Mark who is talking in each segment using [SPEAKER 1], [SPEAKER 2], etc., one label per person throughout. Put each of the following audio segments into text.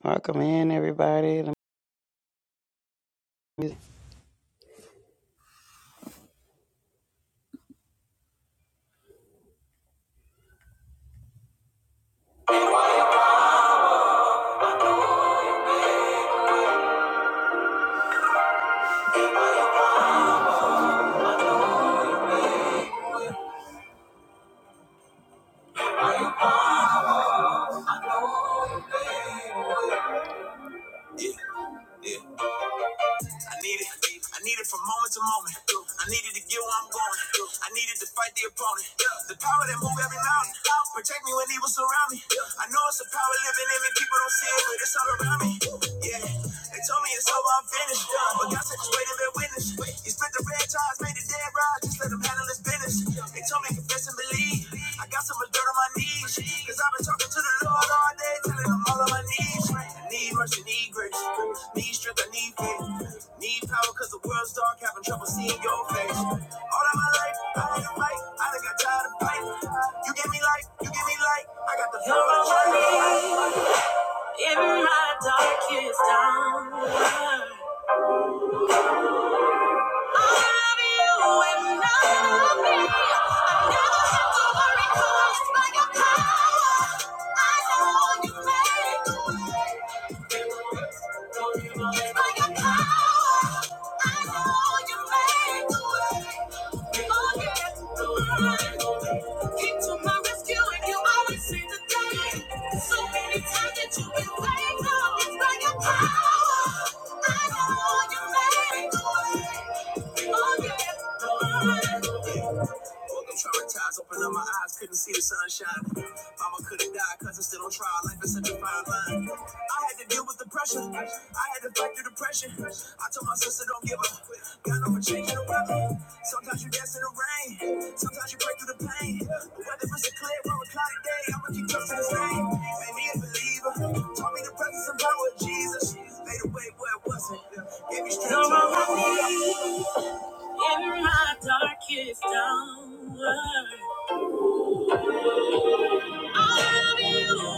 [SPEAKER 1] Welcome in, everybody. The music- I need it. I need it from moment to moment. I needed to get where I'm going. I needed to fight the opponent. The power that move every mountain. Protect me when evil surround me. I know it's a power living in me. People don't see it, but it's all around me. Yeah. They told me it's over, I'm finished. But God said just wait and bear witness. He split the red ties, made the dead rise. Just let him handle his business. They told Don't make a best and believe. I got some dirt on my knees. Cause I've been talking to the Lord all day, telling him all of my needs. I need mercy, need grace. Need strength, I need faith. Need power cause the world's dark, having trouble seeing your face. All of my life, I had to fight. I done got tired of fighting. You give me life, you give me light. I got the power You're my light in my darkest hour. So many times that you've been waiting, it's like a power. I know you made the way. Oh, yeah. Woke up traumatized, opened up my eyes, couldn't see the sunshine. Mama could have died, cause I still on trial, life is such a fine line. I had to deal with the pressure, I had to fight through the pressure. I told my sister, don't give up, God over changing the weather. Sometimes you dance in the rain, sometimes you break through the pain. The weather it's a clear or a cloudy day, I'ma keep trusting his name. Made me a believer, taught me the presence and power of Jesus. Made a way where it wasn't, gave me strength. to walk in my darkest hour. So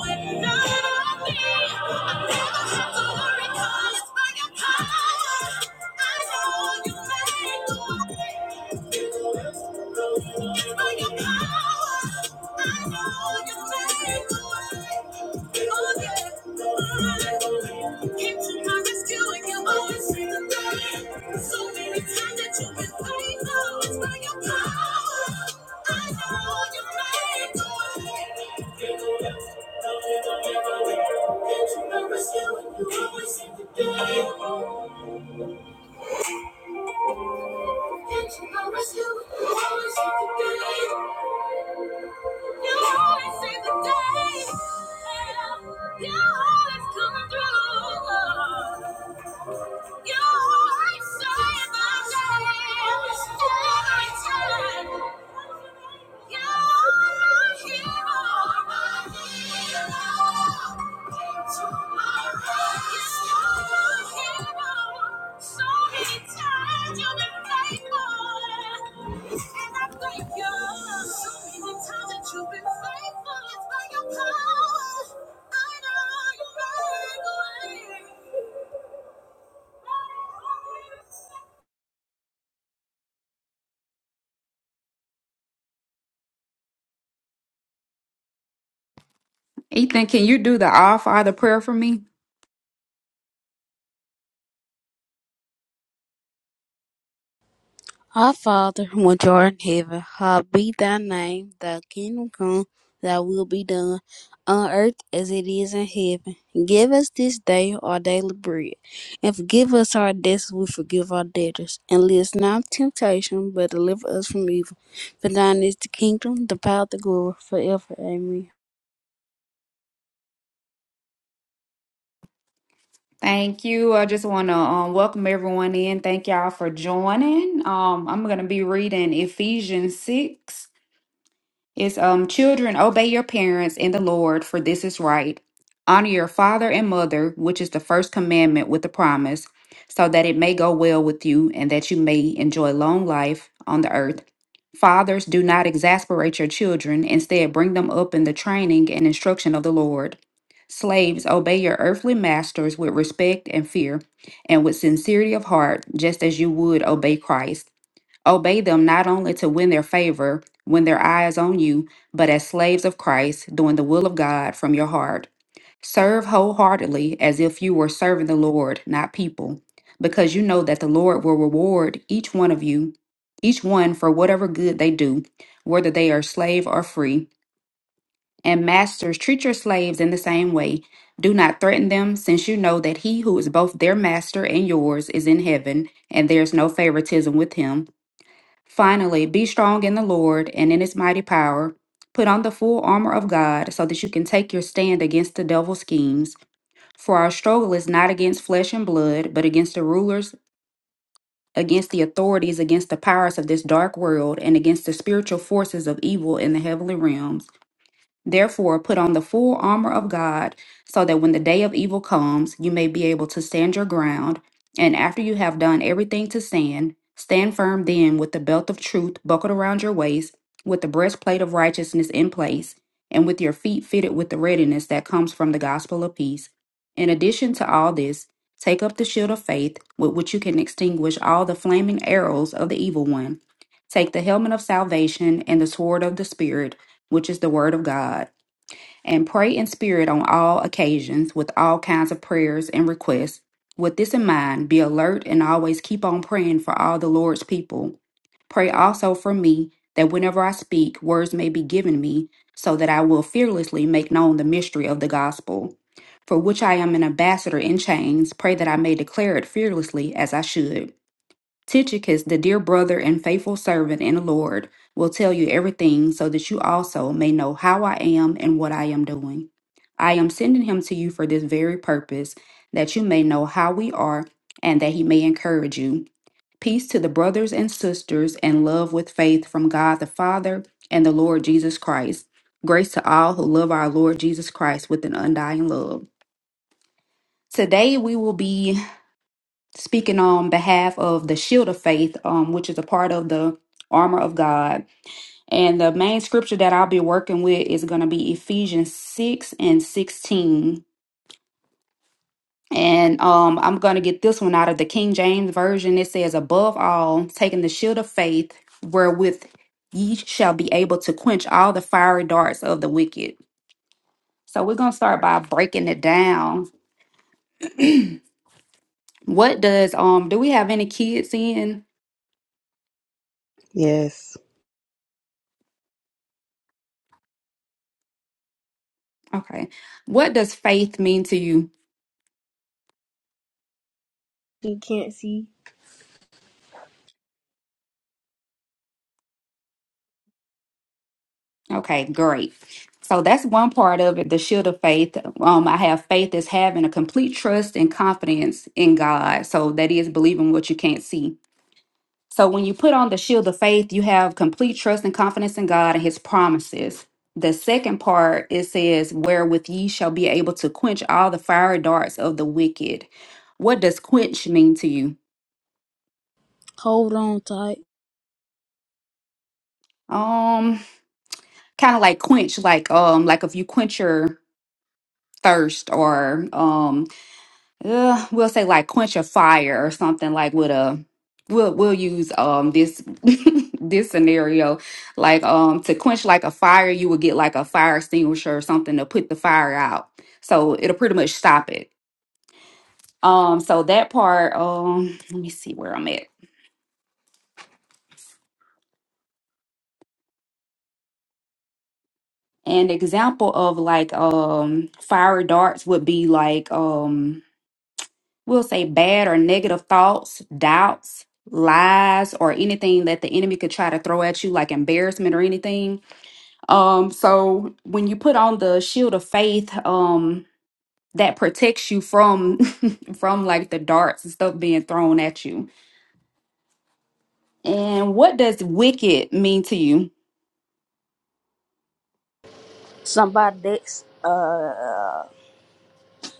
[SPEAKER 1] many times that you've been fighting, oh, it's by your power. I know you made the way. You're always come through. You've been faithful, it's by your power. I know you're right away.
[SPEAKER 2] Ethan, can you do the All Father prayer for me?
[SPEAKER 3] Our Father, which art in heaven, hallowed be thy name. Thy kingdom come, thy will be done, on earth as it is in heaven. Give us this day our daily bread, and forgive us our debts as we forgive our debtors. And lead us not into temptation, but deliver us from evil. For thine is the kingdom, the power, the glory, forever. Amen.
[SPEAKER 2] Thank you. I just want to um, welcome everyone in. Thank y'all for joining. Um, I'm going to be reading Ephesians 6. It's um children obey your parents in the Lord, for this is right. Honor your father and mother, which is the first commandment with the promise, so that it may go well with you and that you may enjoy long life on the earth. Fathers, do not exasperate your children, instead bring them up in the training and instruction of the Lord. Slaves, obey your earthly masters with respect and fear, and with sincerity of heart, just as you would obey Christ Obey them not only to win their favor when their eye is on you, but as slaves of Christ, doing the will of God from your heart. Serve wholeheartedly as if you were serving the Lord, not people, because you know that the Lord will reward each one of you, each one for whatever good they do, whether they are slave or free. And masters, treat your slaves in the same way. Do not threaten them, since you know that he who is both their master and yours is in heaven, and there is no favoritism with him. Finally, be strong in the Lord and in his mighty power. Put on the full armor of God so that you can take your stand against the devil's schemes. For our struggle is not against flesh and blood, but against the rulers, against the authorities, against the powers of this dark world, and against the spiritual forces of evil in the heavenly realms. Therefore, put on the full armor of God, so that when the day of evil comes, you may be able to stand your ground. And after you have done everything to stand, stand firm then with the belt of truth buckled around your waist, with the breastplate of righteousness in place, and with your feet fitted with the readiness that comes from the gospel of peace. In addition to all this, take up the shield of faith, with which you can extinguish all the flaming arrows of the evil one. Take the helmet of salvation and the sword of the Spirit which is the Word of God, and pray in spirit on all occasions with all kinds of prayers and requests. With this in mind, be alert and always keep on praying for all the Lord's people. Pray also for me that whenever I speak, words may be given me, so that I will fearlessly make known the mystery of the gospel, for which I am an ambassador in chains. Pray that I may declare it fearlessly as I should. Tychicus, the dear brother and faithful servant in the Lord, will tell you everything so that you also may know how I am and what I am doing. I am sending him to you for this very purpose, that you may know how we are and that he may encourage you. Peace to the brothers and sisters and love with faith from God the Father and the Lord Jesus Christ. Grace to all who love our Lord Jesus Christ with an undying love. Today we will be speaking on behalf of the shield of faith, um, which is a part of the armor of God. And the main scripture that I'll be working with is going to be Ephesians 6 and 16. And um, I'm going to get this one out of the King James Version. It says, Above all, taking the shield of faith, wherewith ye shall be able to quench all the fiery darts of the wicked. So we're going to start by breaking it down. What does, um, do we have any kids in?
[SPEAKER 1] Yes.
[SPEAKER 2] Okay. What does faith mean to you?
[SPEAKER 1] He can't see.
[SPEAKER 2] Okay, great. So that's one part of it, the shield of faith. Um, I have faith as having a complete trust and confidence in God. So that is believing what you can't see. So when you put on the shield of faith, you have complete trust and confidence in God and his promises. The second part it says, wherewith ye shall be able to quench all the fiery darts of the wicked. What does quench mean to you?
[SPEAKER 3] Hold on tight.
[SPEAKER 2] Um, kind of like quench, like um, like if you quench your thirst or um uh, we'll say like quench a fire or something like with a we'll we'll use um this this scenario like um to quench like a fire you would get like a fire extinguisher or something to put the fire out so it'll pretty much stop it um so that part um let me see where I'm at an example of like um fire darts would be like um. We'll say bad or negative thoughts, doubts, lies, or anything that the enemy could try to throw at you, like embarrassment or anything. Um, so when you put on the shield of faith, um, that protects you from from like the darts and stuff being thrown at you. And what does wicked mean to you?
[SPEAKER 3] Somebody that's, uh,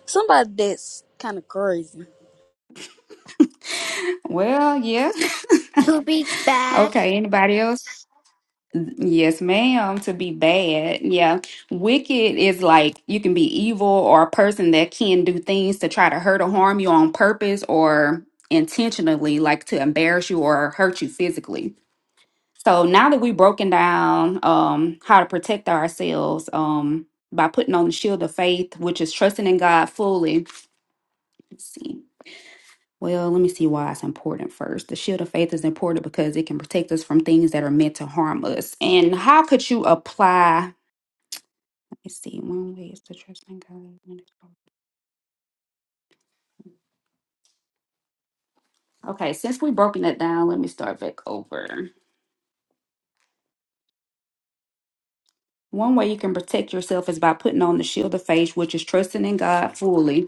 [SPEAKER 3] somebody that's kind of crazy.
[SPEAKER 2] Well, yeah.
[SPEAKER 4] To be bad.
[SPEAKER 2] Okay, anybody else? Yes, ma'am, to be bad. Yeah. Wicked is like you can be evil or a person that can do things to try to hurt or harm you on purpose or intentionally, like to embarrass you or hurt you physically. So now that we've broken down um how to protect ourselves um by putting on the shield of faith, which is trusting in God fully. Let's see. Well, let me see why it's important first. The shield of faith is important because it can protect us from things that are meant to harm us. And how could you apply? Let me see. One way is to trust in God. Okay, since we've broken that down, let me start back over. One way you can protect yourself is by putting on the shield of faith, which is trusting in God fully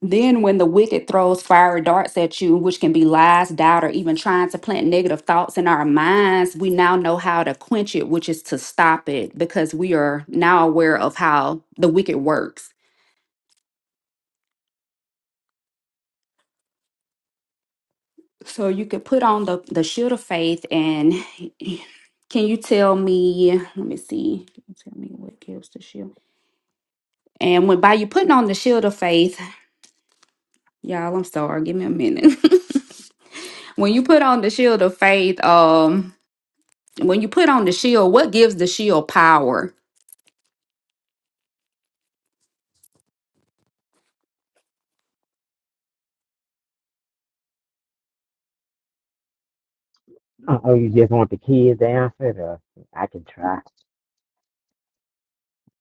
[SPEAKER 2] Then, when the wicked throws fiery darts at you, which can be lies, doubt, or even trying to plant negative thoughts in our minds, we now know how to quench it, which is to stop it, because we are now aware of how the wicked works. So, you could put on the, the shield of faith. And can you tell me? Let me see. Tell me what gives the shield. And when by you putting on the shield of faith, y'all, I'm sorry, give me a minute. when you put on the shield of faith, um, When you put on the shield, what gives the shield power?
[SPEAKER 5] Uh, Oh, you just want the kids to answer it? Or I can try.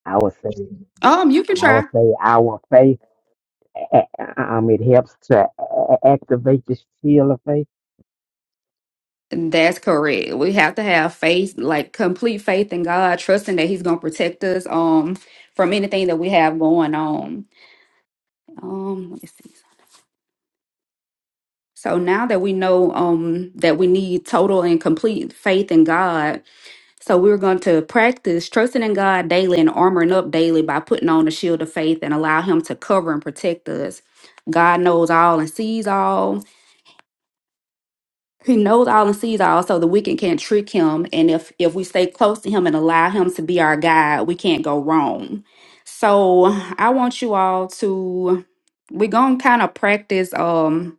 [SPEAKER 5] I would say,
[SPEAKER 2] Um, you can
[SPEAKER 5] I would
[SPEAKER 2] try.
[SPEAKER 5] say, our faith. a- Um, it helps to a- a- activate the seal of faith.
[SPEAKER 2] That's correct. We have to have faith, like complete faith in God, trusting that He's gonna protect us um from anything that we have going on. Um, let me see. So now that we know um that we need total and complete faith in God, so we're going to practice trusting in God daily and armoring up daily by putting on the shield of faith and allow Him to cover and protect us. God knows all and sees all. He knows all and sees all, so the wicked can't trick him. And if if we stay close to him and allow him to be our guide, we can't go wrong. So I want you all to we're gonna kind of practice um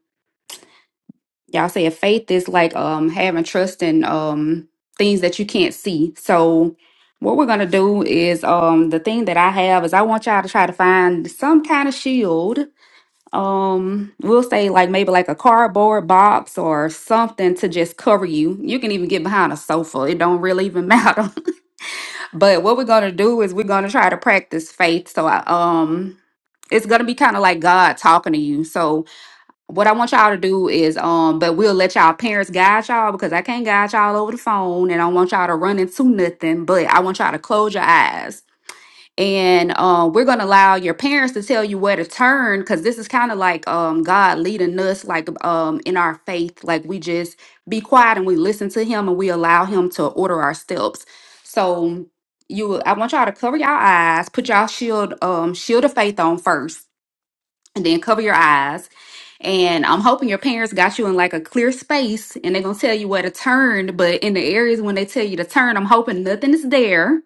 [SPEAKER 2] y'all say faith is like um having trust in um things that you can't see. So what we're gonna do is um the thing that I have is I want y'all to try to find some kind of shield um we'll say like maybe like a cardboard box or something to just cover you you can even get behind a sofa it don't really even matter but what we're gonna do is we're gonna try to practice faith so i um it's gonna be kind of like god talking to you so what i want y'all to do is um but we'll let y'all parents guide y'all because i can't guide y'all over the phone and i don't want y'all to run into nothing but i want y'all to close your eyes and uh, we're going to allow your parents to tell you where to turn because this is kind of like um, god leading us like um, in our faith like we just be quiet and we listen to him and we allow him to order our steps so you i want y'all to cover y'all eyes put y'all shield um, shield of faith on first and then cover your eyes. And I'm hoping your parents got you in like a clear space and they're gonna tell you where to turn. But in the areas when they tell you to turn, I'm hoping nothing is there.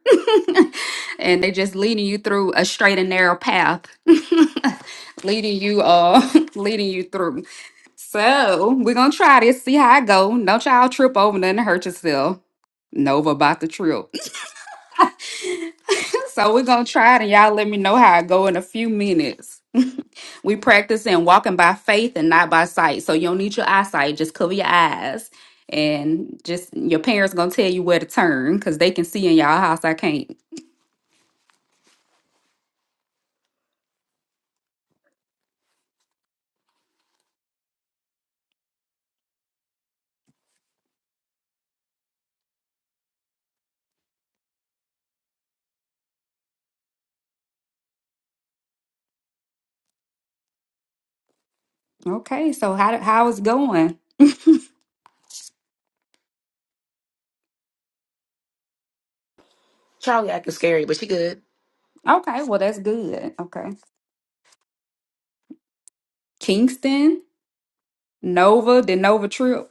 [SPEAKER 2] and they just leading you through a straight and narrow path. leading you uh leading you through. So we're gonna try this, see how it go. Don't y'all trip over nothing to hurt yourself. Nova about the trip. so we're gonna try it and y'all let me know how it go in a few minutes. We practice in walking by faith and not by sight. So you don't need your eyesight. Just cover your eyes. And just your parents gonna tell you where to turn because they can see in y'all house. I can't. Okay, so how how is going?
[SPEAKER 4] Charlie acting scary, but she good.
[SPEAKER 2] Okay, well that's good. Okay, Kingston, Nova, the Nova trip.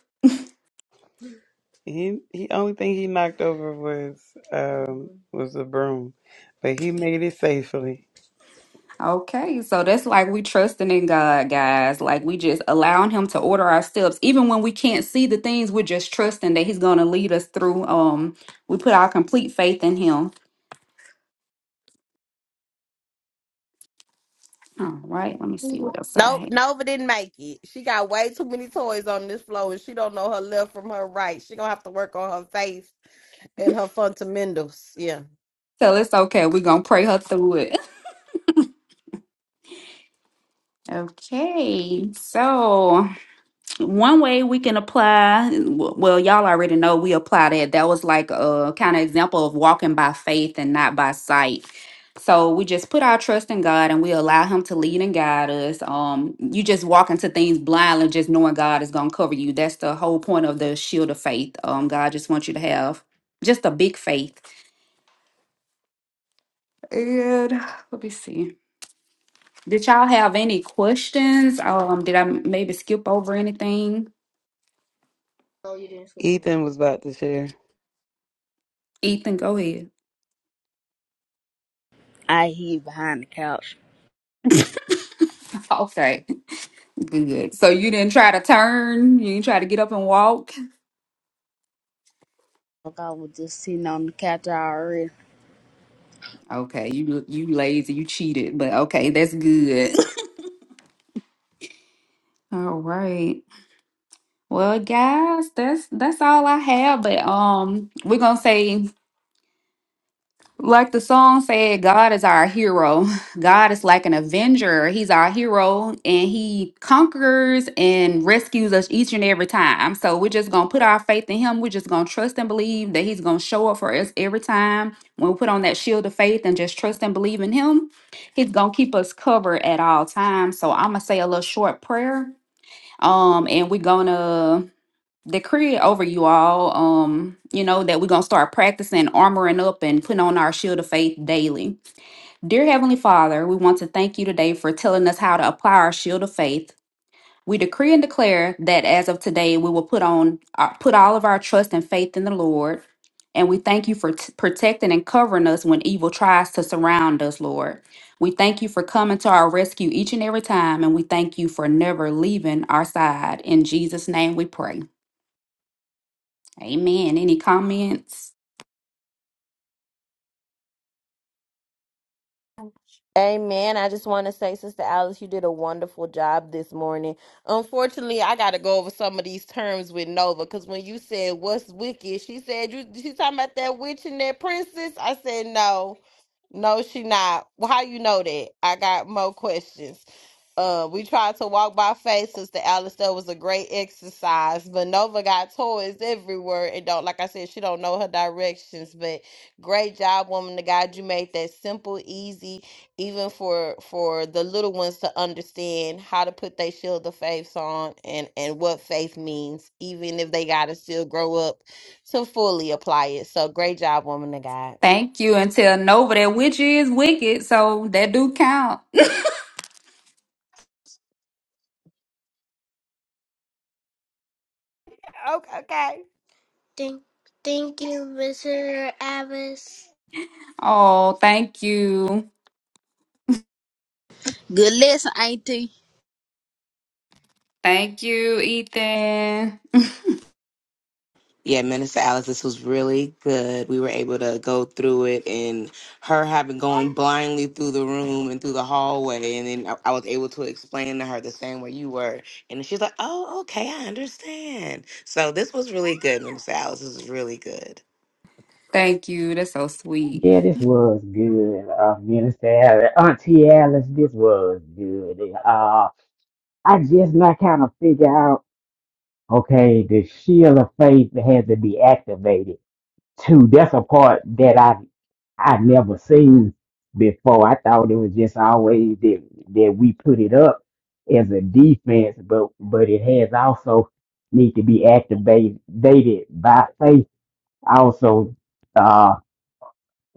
[SPEAKER 1] He he only thing he knocked over was um was the broom. But he made it safely.
[SPEAKER 2] Okay, so that's like we trusting in God, guys. Like we just allowing Him to order our steps, even when we can't see the things. We're just trusting that He's gonna lead us through. Um, we put our complete faith in Him. All right, let me see what else I
[SPEAKER 6] No,
[SPEAKER 2] have.
[SPEAKER 6] Nova didn't make it. She got way too many toys on this floor, and she don't know her left from her right. She gonna have to work on her face and her fundamentals. Yeah.
[SPEAKER 2] So it's okay. We're going to pray her through it. Okay, so one way we can apply, well, y'all already know we apply that. That was like a kind of example of walking by faith and not by sight. So we just put our trust in God and we allow Him to lead and guide us. Um, you just walk into things blindly, just knowing God is going to cover you. That's the whole point of the shield of faith. Um, God just wants you to have just a big faith. And let me see. Did y'all have any questions? Um, did I maybe skip over anything?
[SPEAKER 1] Oh, you didn't sleep. Ethan was about to share.
[SPEAKER 2] Ethan, go ahead.
[SPEAKER 3] I hear behind the couch.
[SPEAKER 2] Okay, good. So you didn't try to turn. You didn't try to get up and walk.
[SPEAKER 3] Fuck, I was just sitting on the couch already.
[SPEAKER 2] Okay, you you lazy. You cheated. But okay, that's good. All right. Well, guys, that's that's all I have. But um, we're gonna say Like the song said, God is our hero. God is like an avenger. He's our hero and he conquers and rescues us each and every time. So we're just going to put our faith in him. We're just going to trust and believe that he's going to show up for us every time. When we put on that shield of faith and just trust and believe in him, he's going to keep us covered at all times. So I'm going to say a little short prayer. Um and we're going to decree it over you all, um, you know, that we're going to start practicing armoring up and putting on our shield of faith daily. Dear Heavenly Father, we want to thank you today for telling us how to apply our shield of faith. We decree and declare that as of today, we will put on uh, put all of our trust and faith in the Lord. And we thank you for t- protecting and covering us when evil tries to surround us, Lord. We thank you for coming to our rescue each and every time, and we thank you for never leaving our side. In Jesus' name we pray. Amen. Any comments?
[SPEAKER 6] Amen. I just want to say, Sister Alice, you did a wonderful job this morning. Unfortunately, I got to go over some of these terms with Nova because when you said what's wicked, she said you she talking about that witch and that princess. I said no, no, she not. Well, how you know that? I got more questions. Uh, we tried to walk by faith, Sister Alice. That was a great exercise. But Nova got toys everywhere, and don't like I said, she don't know her directions. But great job, woman of God. You made that simple, easy even for for the little ones to understand how to put their shield of faith on and and what faith means even if they gotta still grow up to fully apply it so great job woman of god
[SPEAKER 2] Thank you. And tell Nova that witch is wicked, so that do count.
[SPEAKER 6] Okay, okay.
[SPEAKER 4] Thank, thank you, Mr. Abbas.
[SPEAKER 2] Oh, thank you.
[SPEAKER 3] Good lesson, Auntie.
[SPEAKER 2] Thank you, Ethan.
[SPEAKER 4] Yeah, Minister Alice, this was really good. We were able to go through it and her having going blindly through the room and through the hallway. And then I I was able to explain to her the same way you were. And she's like, oh, okay, I understand. So this was really good, Minister Alice. This was really good.
[SPEAKER 2] Thank you. That's so sweet.
[SPEAKER 5] Yeah, this was good, uh, Minister Alice, Auntie Alice. This was good. Uh, I just not kind of figure out. Okay, the shield of faith has to be activated too. That's a part that I I never seen before. I thought it was just always that that we put it up as a defense, but but it has also need to be activated dated by faith also uh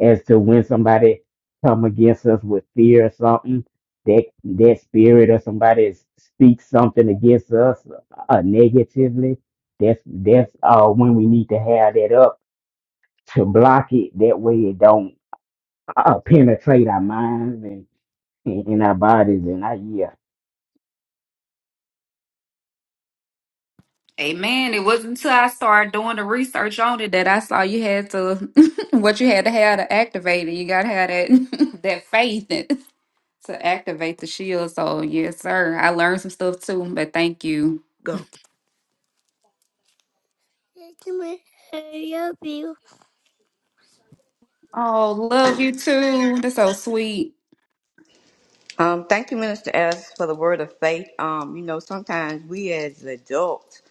[SPEAKER 5] as to when somebody come against us with fear or something that that spirit or somebody speaks something against us uh, negatively that's that's uh when we need to have that up to block it. That way it don't uh, penetrate our minds and, and, and our bodies. And I yeah.
[SPEAKER 2] Amen. It wasn't until I started doing the research on it that I saw you had to what you had to have to activate it. You gotta have that that faith in- to activate the shield. So yes, sir. I learned some stuff too, but thank you.
[SPEAKER 7] Go. Gentlemen, hurry you.
[SPEAKER 2] Oh, love you too. That's so sweet.
[SPEAKER 8] Um, thank you, Minister Ellis, for the word of faith. Um, you know, sometimes we as adults,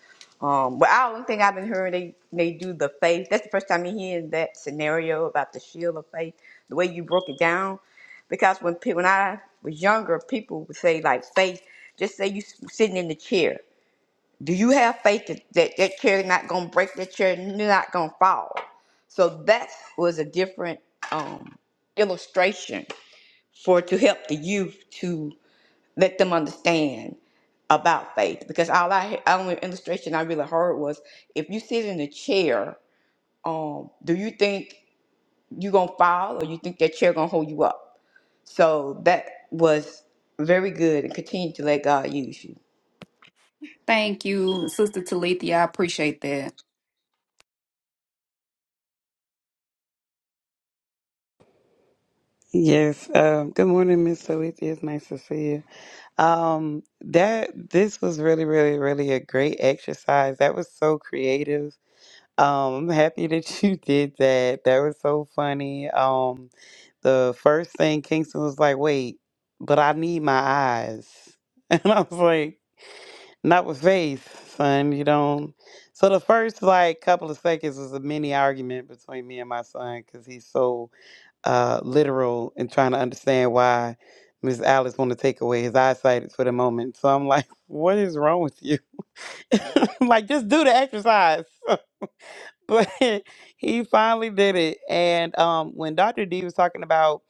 [SPEAKER 8] um, well, I don't think I've been hearing they, they do the faith. That's the first time you hear that scenario about the shield of faith, the way you broke it down. Because when pe- when I was younger, people would say like faith. Just say you s- sitting in the chair. Do you have faith that that, that chair not gonna break? That chair not gonna fall? So that was a different um, illustration for to help the youth to let them understand about faith because all I the only illustration I really heard was if you sit in a chair, um, do you think you gonna fall or you think that chair gonna hold you up? So that was very good and continue to let God use you.
[SPEAKER 2] Thank you, Sister Talithia. I appreciate that.
[SPEAKER 1] Yes. Um good morning, Miss Soethia. It's nice to see you. Um that this was really, really, really a great exercise. That was so creative. Um, I'm happy that you did that. That was so funny. Um, the first thing Kingston was like, "Wait, but I need my eyes," and I was like, "Not with faith, son. You don't." So the first like couple of seconds was a mini argument between me and my son because he's so uh literal and trying to understand why Miss Alice want to take away his eyesight for the moment. So I'm like, "What is wrong with you?" I'm like, just do the exercise. but he finally did it. And um, when Dr. D was talking about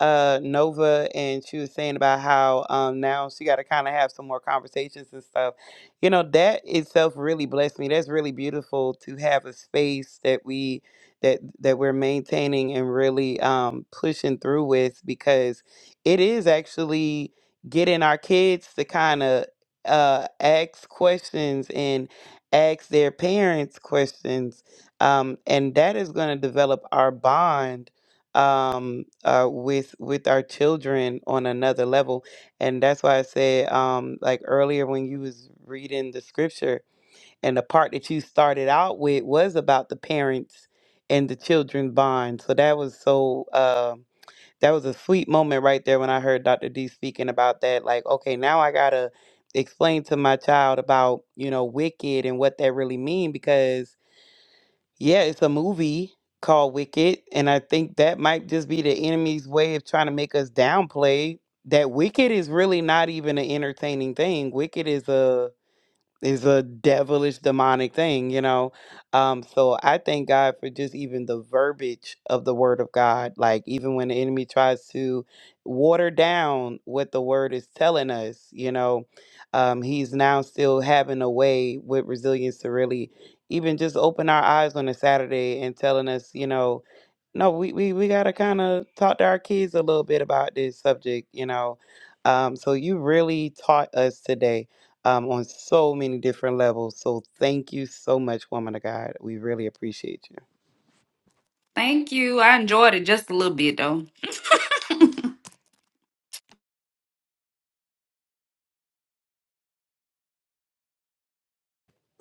[SPEAKER 1] uh, Nova and she was saying about how um, now she got to kind of have some more conversations and stuff, you know, that itself really blessed me. That's really beautiful to have a space that we that that we're maintaining and really um, pushing through with because it is actually getting our kids to kind of uh, ask questions and ask their parents questions um, and that is going to develop our bond um, uh, with with our children on another level. And that's why I said, um, like earlier when you was reading the scripture, and the part that you started out with was about the parents and the children bond. So that was so. Uh, that was a sweet moment right there when I heard Dr. D speaking about that. Like, okay, now I gotta explain to my child about you know wicked and what that really mean because yeah, it's a movie called Wicked, and I think that might just be the enemy's way of trying to make us downplay that Wicked is really not even an entertaining thing. Wicked is a is a devilish demonic thing you know um so i thank god for just even the verbiage of the word of god like even when the enemy tries to water down what the word is telling us you know um he's now still having a way with resilience to really even just open our eyes on a saturday and telling us you know no, we we, we gotta kind of talk to our kids a little bit about this subject, you know. Um, so you really taught us today um, on so many different levels. So thank you so much, woman of God. We really appreciate you.
[SPEAKER 2] Thank you. I enjoyed it just a little bit though.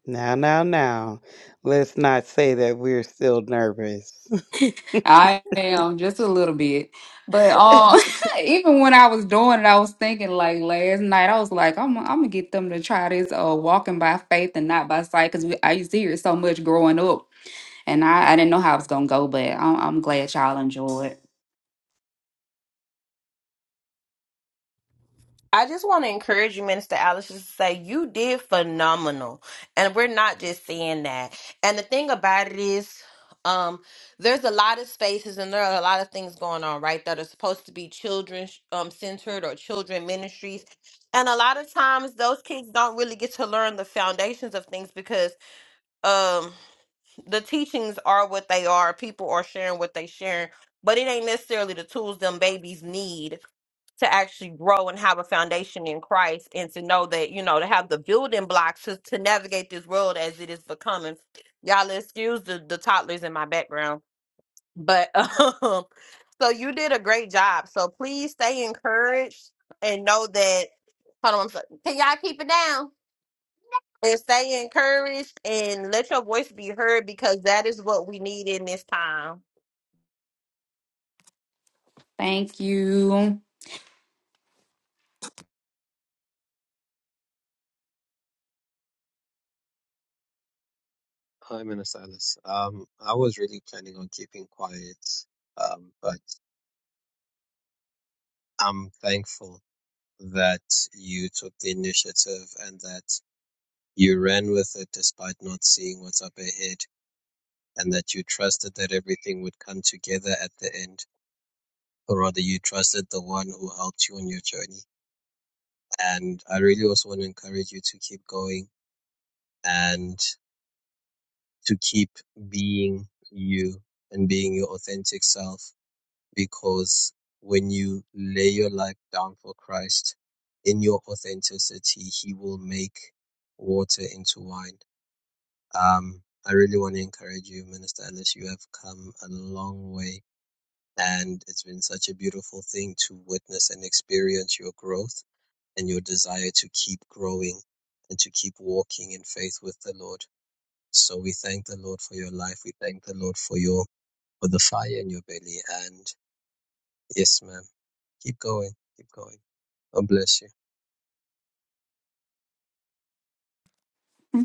[SPEAKER 1] Now, now, now, let's not say that we're still nervous.
[SPEAKER 2] I am just a little bit. But um even when I was doing it, I was thinking like last night, I was like, I'm I'm gonna get them to try this uh walking by faith and not by sight because I used to hear it so much growing up and I, I didn't know how it was gonna go, but I'm, I'm glad y'all enjoyed.
[SPEAKER 6] I just want to encourage you, Minister Alice, just to say you did phenomenal. And we're not just saying that. And the thing about it is, um, there's a lot of spaces and there are a lot of things going on, right? That are supposed to be children um centered or children ministries. And a lot of times those kids don't really get to learn the foundations of things because um the teachings are what they are, people are sharing what they sharing, but it ain't necessarily the tools them babies need to actually grow and have a foundation in Christ and to know that, you know, to have the building blocks to, to navigate this world as it is becoming. Y'all excuse the, the toddlers in my background. But um, so you did a great job. So please stay encouraged and know that hold on, I'm sorry. Can y'all keep it down? And stay encouraged and let your voice be heard because that is what we need in this time.
[SPEAKER 2] Thank you.
[SPEAKER 9] Hi, Minister Alice. Um, I was really planning on keeping quiet, um, but I'm thankful that you took the initiative and that you ran with it despite not seeing what's up ahead, and that you trusted that everything would come together at the end, or rather, you trusted the one who helped you on your journey. And I really also want to encourage you to keep going and to keep being you and being your authentic self because when you lay your life down for Christ in your authenticity, He will make water into wine. Um, I really want to encourage you, Minister Ellis. You have come a long way, and it's been such a beautiful thing to witness and experience your growth and your desire to keep growing and to keep walking in faith with the Lord. So we thank the Lord for your life. We thank the Lord for your for the fire in your belly. And yes, ma'am. Keep going. Keep going. God bless you.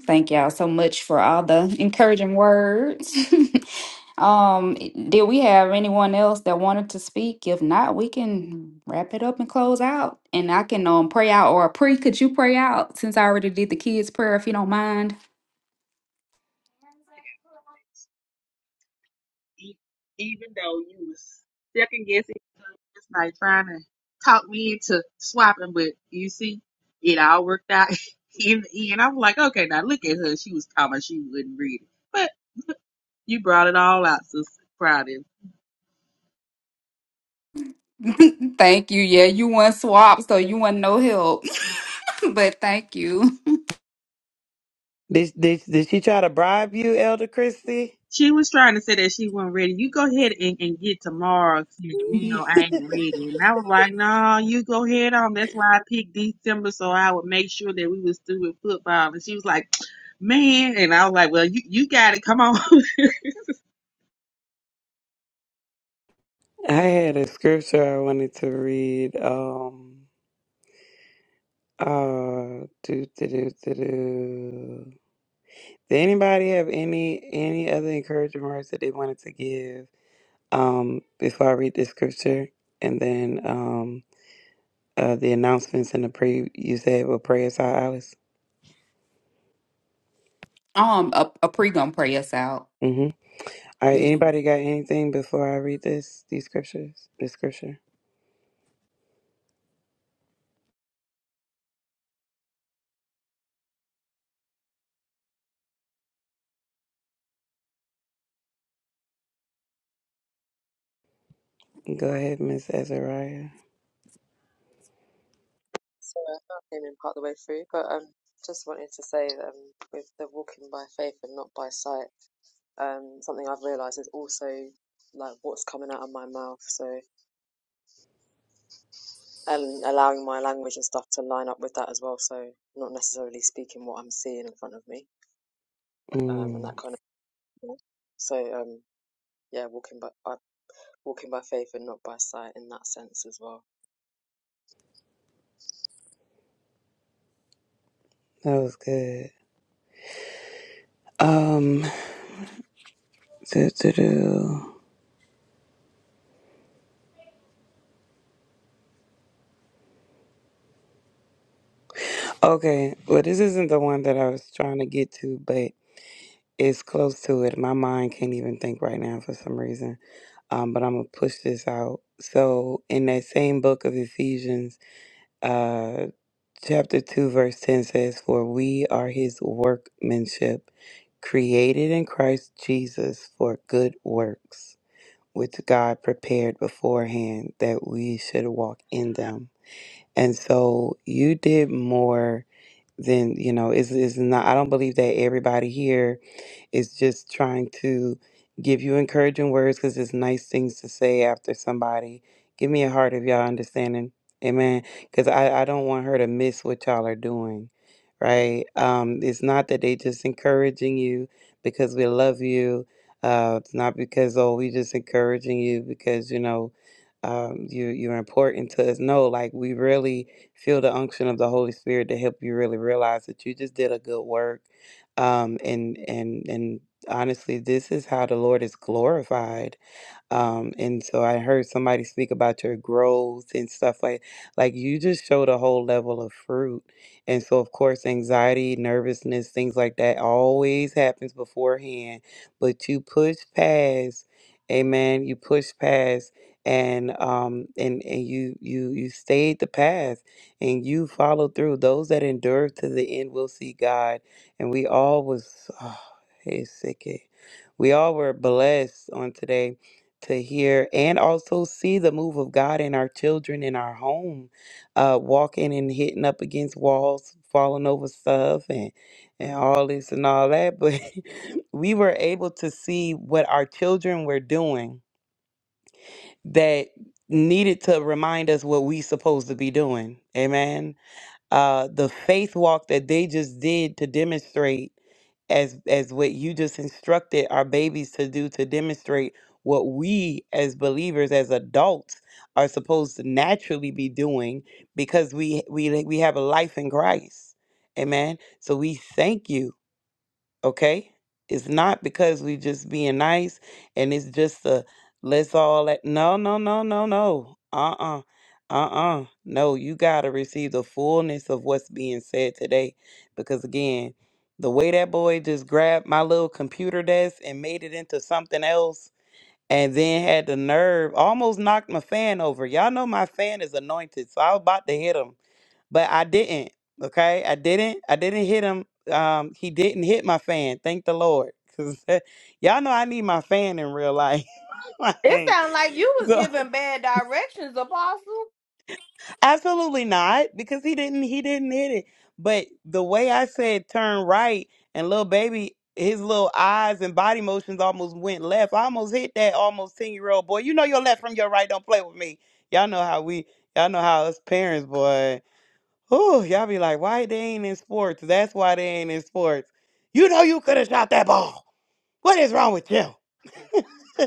[SPEAKER 2] Thank y'all so much for all the encouraging words. um, did we have anyone else that wanted to speak? If not, we can wrap it up and close out. And I can um pray out or pre, could you pray out since I already did the kids' prayer if you don't mind?
[SPEAKER 10] E- Even though you was second guessing last night trying to talk me into swapping, but you see, it all worked out in the end. I'm like, okay, now look at her. She was talking, she wouldn't read it, but you brought it all out, sister.
[SPEAKER 2] thank you. Yeah, you want swap, so you want no help. but thank you.
[SPEAKER 1] Did did did she try to bribe you, Elder Christie?
[SPEAKER 10] She was trying to say that she wasn't ready. You go ahead and, and get to Mark's. You
[SPEAKER 1] I
[SPEAKER 10] know, I ain't ready. And I was like, no, you go ahead on. That's why I picked December so I would make sure that we was through with football. And she was like, man. And I was like, well, you, you got it. Come on.
[SPEAKER 1] had a scripture I wanted to read. Um, uh, do do do do do. Did anybody have any any other encouraging words that they wanted to give um, before I read the scripture and then um, uh, the announcements and the prayer you said will pray us out, Alice?
[SPEAKER 2] Um, a, a pre gonna pray us out.
[SPEAKER 1] Mm-hmm. All right.
[SPEAKER 2] Yes, ma'am.
[SPEAKER 1] Anybody got anything before I read this these scriptures? The scripture. Go ahead, Miss Azariah.
[SPEAKER 11] So I came in part of the way through, but um, just wanted to say that um, with the walking by faith and not by sight, um, something I've realised is also like what's coming out of my mouth. So, and allowing my language and stuff to line up with that as well. So, not necessarily speaking what I'm seeing in front of me, um, and
[SPEAKER 1] Mm,
[SPEAKER 11] that kind of. thing. So, um, yeah, walking by uh, walking by faith and not by sight in that sense as well.
[SPEAKER 1] that was good. Um. do, do, do. Okay. Well, this isn't the one that I was trying to get to, but it's close to it. My mind can't even think right now for some reason. um, but I'm gonna push this out. So in that same book of Ephesians, uh, chapter two, verse ten says, "For we are His workmanship, created in Christ Jesus for good works, which God prepared beforehand that we should walk in them." And so you did more than you know. Is is not? I don't believe that everybody here is just trying to give you encouraging words because it's nice things to say after somebody. Give me a heart of y'all understanding. Amen. Because I, I don't want her to miss what y'all are doing. Right. Um, it's not that they just encouraging you because we love you. Uh, it's not because, oh, we just encouraging you because, you know, um, you, you're important to us. No, like we really feel the unction of the Holy Spirit to help you really realize that you just did a good work um, and and and honestly, this is how the Lord is glorified um, and so I heard somebody speak about your growth and stuff like like you just showed a whole level of fruit. And so of course anxiety, nervousness, things like that always happens beforehand. But you push past, amen, you push past and um and, and you you you stayed the path and you followed through. Those that endure to the end will see God. And we all was oh, hey sick. eh. We all were blessed on today to hear and also see the move of God in our children in our home, uh, walking and hitting up against walls, falling over stuff, and and all this and all that. But we were able to see what our children were doing that needed to remind us what we supposed to be doing. Amen uh, the faith walk that they just did to demonstrate as as what you just instructed our babies to do to demonstrate what we as believers as adults are supposed to naturally be doing because we we we have a life in Christ. Amen. So we thank you okay? It's not because we just being nice and it's just a let's all let no no no no no uh-uh uh-uh no you gotta receive the fullness of what's being said today because again the way that boy just grabbed my little computer desk and made it into something else and then had the nerve almost knocked my fan over y'all know my fan is anointed so i was about to hit him but I didn't. Okay, I didn't. I didn't hit him. Um, he didn't hit my fan. Thank the Lord, cause y'all know I need my fan in real life.
[SPEAKER 6] It
[SPEAKER 1] Like,
[SPEAKER 6] sounds like you was
[SPEAKER 1] so
[SPEAKER 6] giving bad directions, Apostle.
[SPEAKER 1] absolutely not, because he didn't. He didn't hit it. But the way I said turn right, and little baby, his little eyes and body motions almost went left. I almost hit that almost ten year old boy. You know your left from your right. Don't play with me. Y'all know how we. Y'all know how us parents, boy. Oh, y'all be like, why they ain't in sports? That's why they ain't in sports. You know you could have shot that ball. What is wrong with you?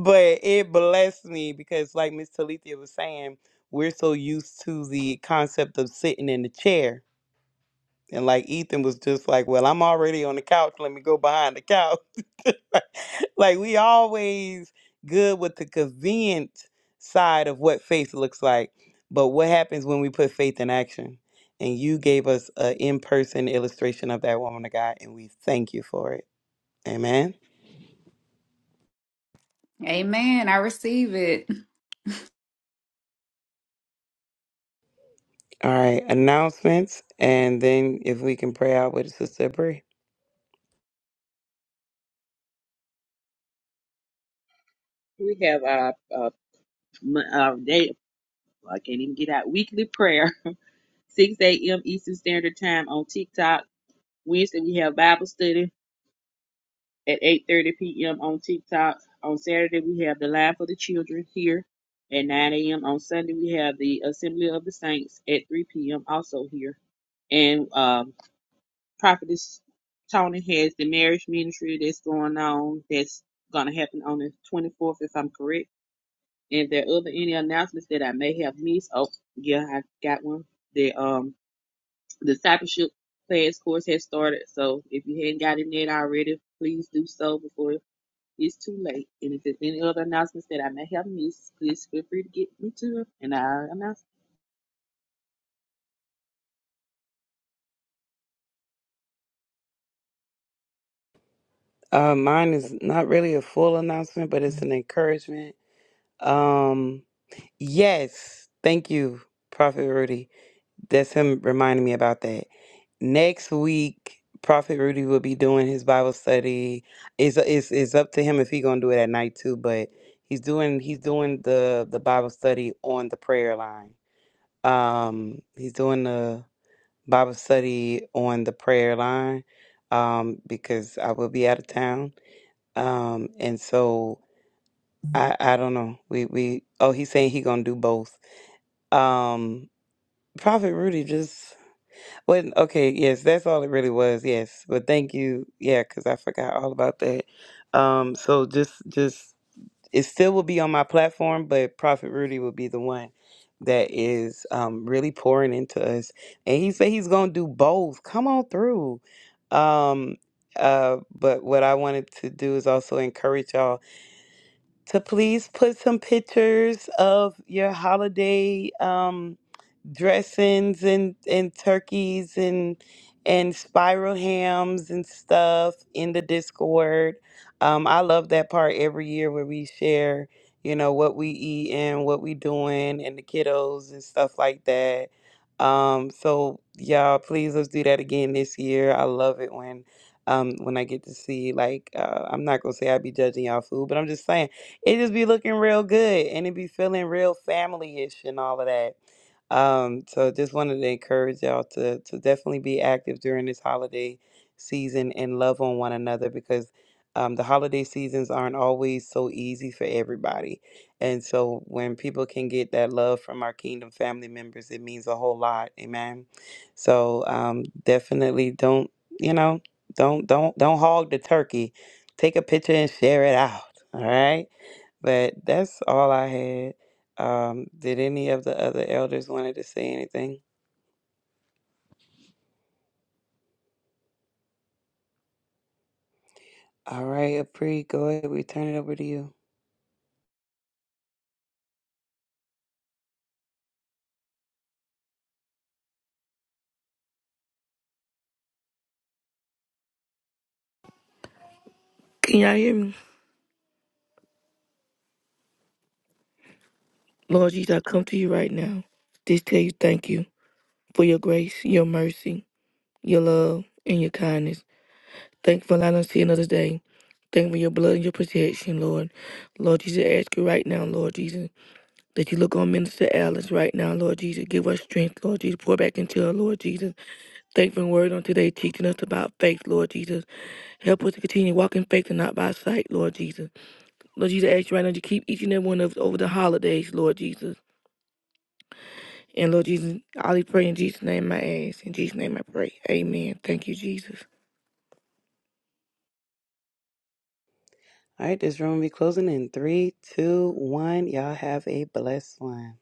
[SPEAKER 1] but it blessed me because like Miss Talithia was saying, we're so used to the concept of sitting in the chair and like Ethan was just like, Well, I'm already on the couch. Let me go behind the couch. like we always good with the convenient side of what faith looks like. But what happens when we put faith in action? And you gave us an in person illustration of that woman of God, and we thank you for it. Amen.
[SPEAKER 2] Amen. I receive it.
[SPEAKER 1] All right, announcements, and then if we can pray out with Sister Brie.
[SPEAKER 10] we have our, uh, m- day. I can't even get out. Weekly prayer, 6 a.m. Eastern Standard Time on TikTok. Wednesday, we have Bible study. at 8:30 p.m. on TikTok. On Saturday, we have the Live for the Children here at 9 a.m. On Sunday, we have the Assembly of the Saints at 3 p.m. also here. And um, Prophetess Tony has the marriage ministry that's going on. That's going to happen on the 24th, if I'm correct. And if there are other any announcements that I may have missed. Oh, yeah, I got one. The um discipleship class course has started. So if you hadn't gotten it already, please do so before it's too late. And if there's any other announcements that I may have missed, please feel free to get me to it, and I'll announce
[SPEAKER 1] Uh, mine is not really a full announcement, but it's an encouragement. Um, Yes, thank you, Prophet Rudy. That's him reminding me about that. Next week, Prophet Rudy will be doing his Bible study. It's it's, it's up to him if he gonna do it at night too, but he's doing he's doing the the Bible study on the prayer line. Um, he's doing the Bible study on the prayer line, um, because I will be out of town. Um, and so I I don't know. We we oh he's saying he gonna do both. Um. Prophet Rudy just wasn't okay. Yes, that's all it really was. Yes, but thank you. Yeah, because I forgot all about that. Um, so just, just it still will be on my platform, but Prophet Rudy will be the one that is um really pouring into us, and he said he's gonna do both. Come on through. Um, uh, but what I wanted to do is also encourage y'all to please put some pictures of your holiday. Um dressings and and turkeys and and spiral hams and stuff in the Discord. Um, I love that part every year where we share, you know, what we eat and what we doing and the kiddos and stuff like that. Um, so y'all, please let's do that again this year. I love it when. Um, when I get to see, like, uh, I'm not gonna say I be judging y'all food, but I'm just saying it just be looking real good and it be feeling real family ish and all of that. Um, so just wanted to encourage y'all to to definitely be active during this holiday season and love on one another because um, the holiday seasons aren't always so easy for everybody. And so when people can get that love from our kingdom family members, it means a whole lot. Amen. So um, definitely don't you know don't don't don't hog the turkey. Take a picture and share it out. All right but that's all I had. Um, did any of the other elders wanted to say anything? All right, Apri, go ahead. We turn it over to you.
[SPEAKER 7] Can y'all hear me? Lord Jesus, I come to you right now. Just tell you thank you for your grace, your mercy, your love, and your kindness. Thank you for allowing us to see another day. Thank you for your blood and your protection, Lord. Lord Jesus, I ask you right now, Lord Jesus, that you look on Minister Alice right now, Lord Jesus. Give her strength, Lord Jesus. Pour back into her, Lord Jesus. Thank you for the word on today teaching us about faith, Lord Jesus. Help us to continue walking faith and not by sight, Lord Jesus. Lord Jesus, I ask you right now to keep each and every one of us over the holidays, Lord Jesus. And Lord Jesus, I only pray in Jesus' name I ask. In Jesus' name I pray. Amen. Thank you, Jesus.
[SPEAKER 1] All right, this room will be closing in three, two, one. Y'all have a blessed one.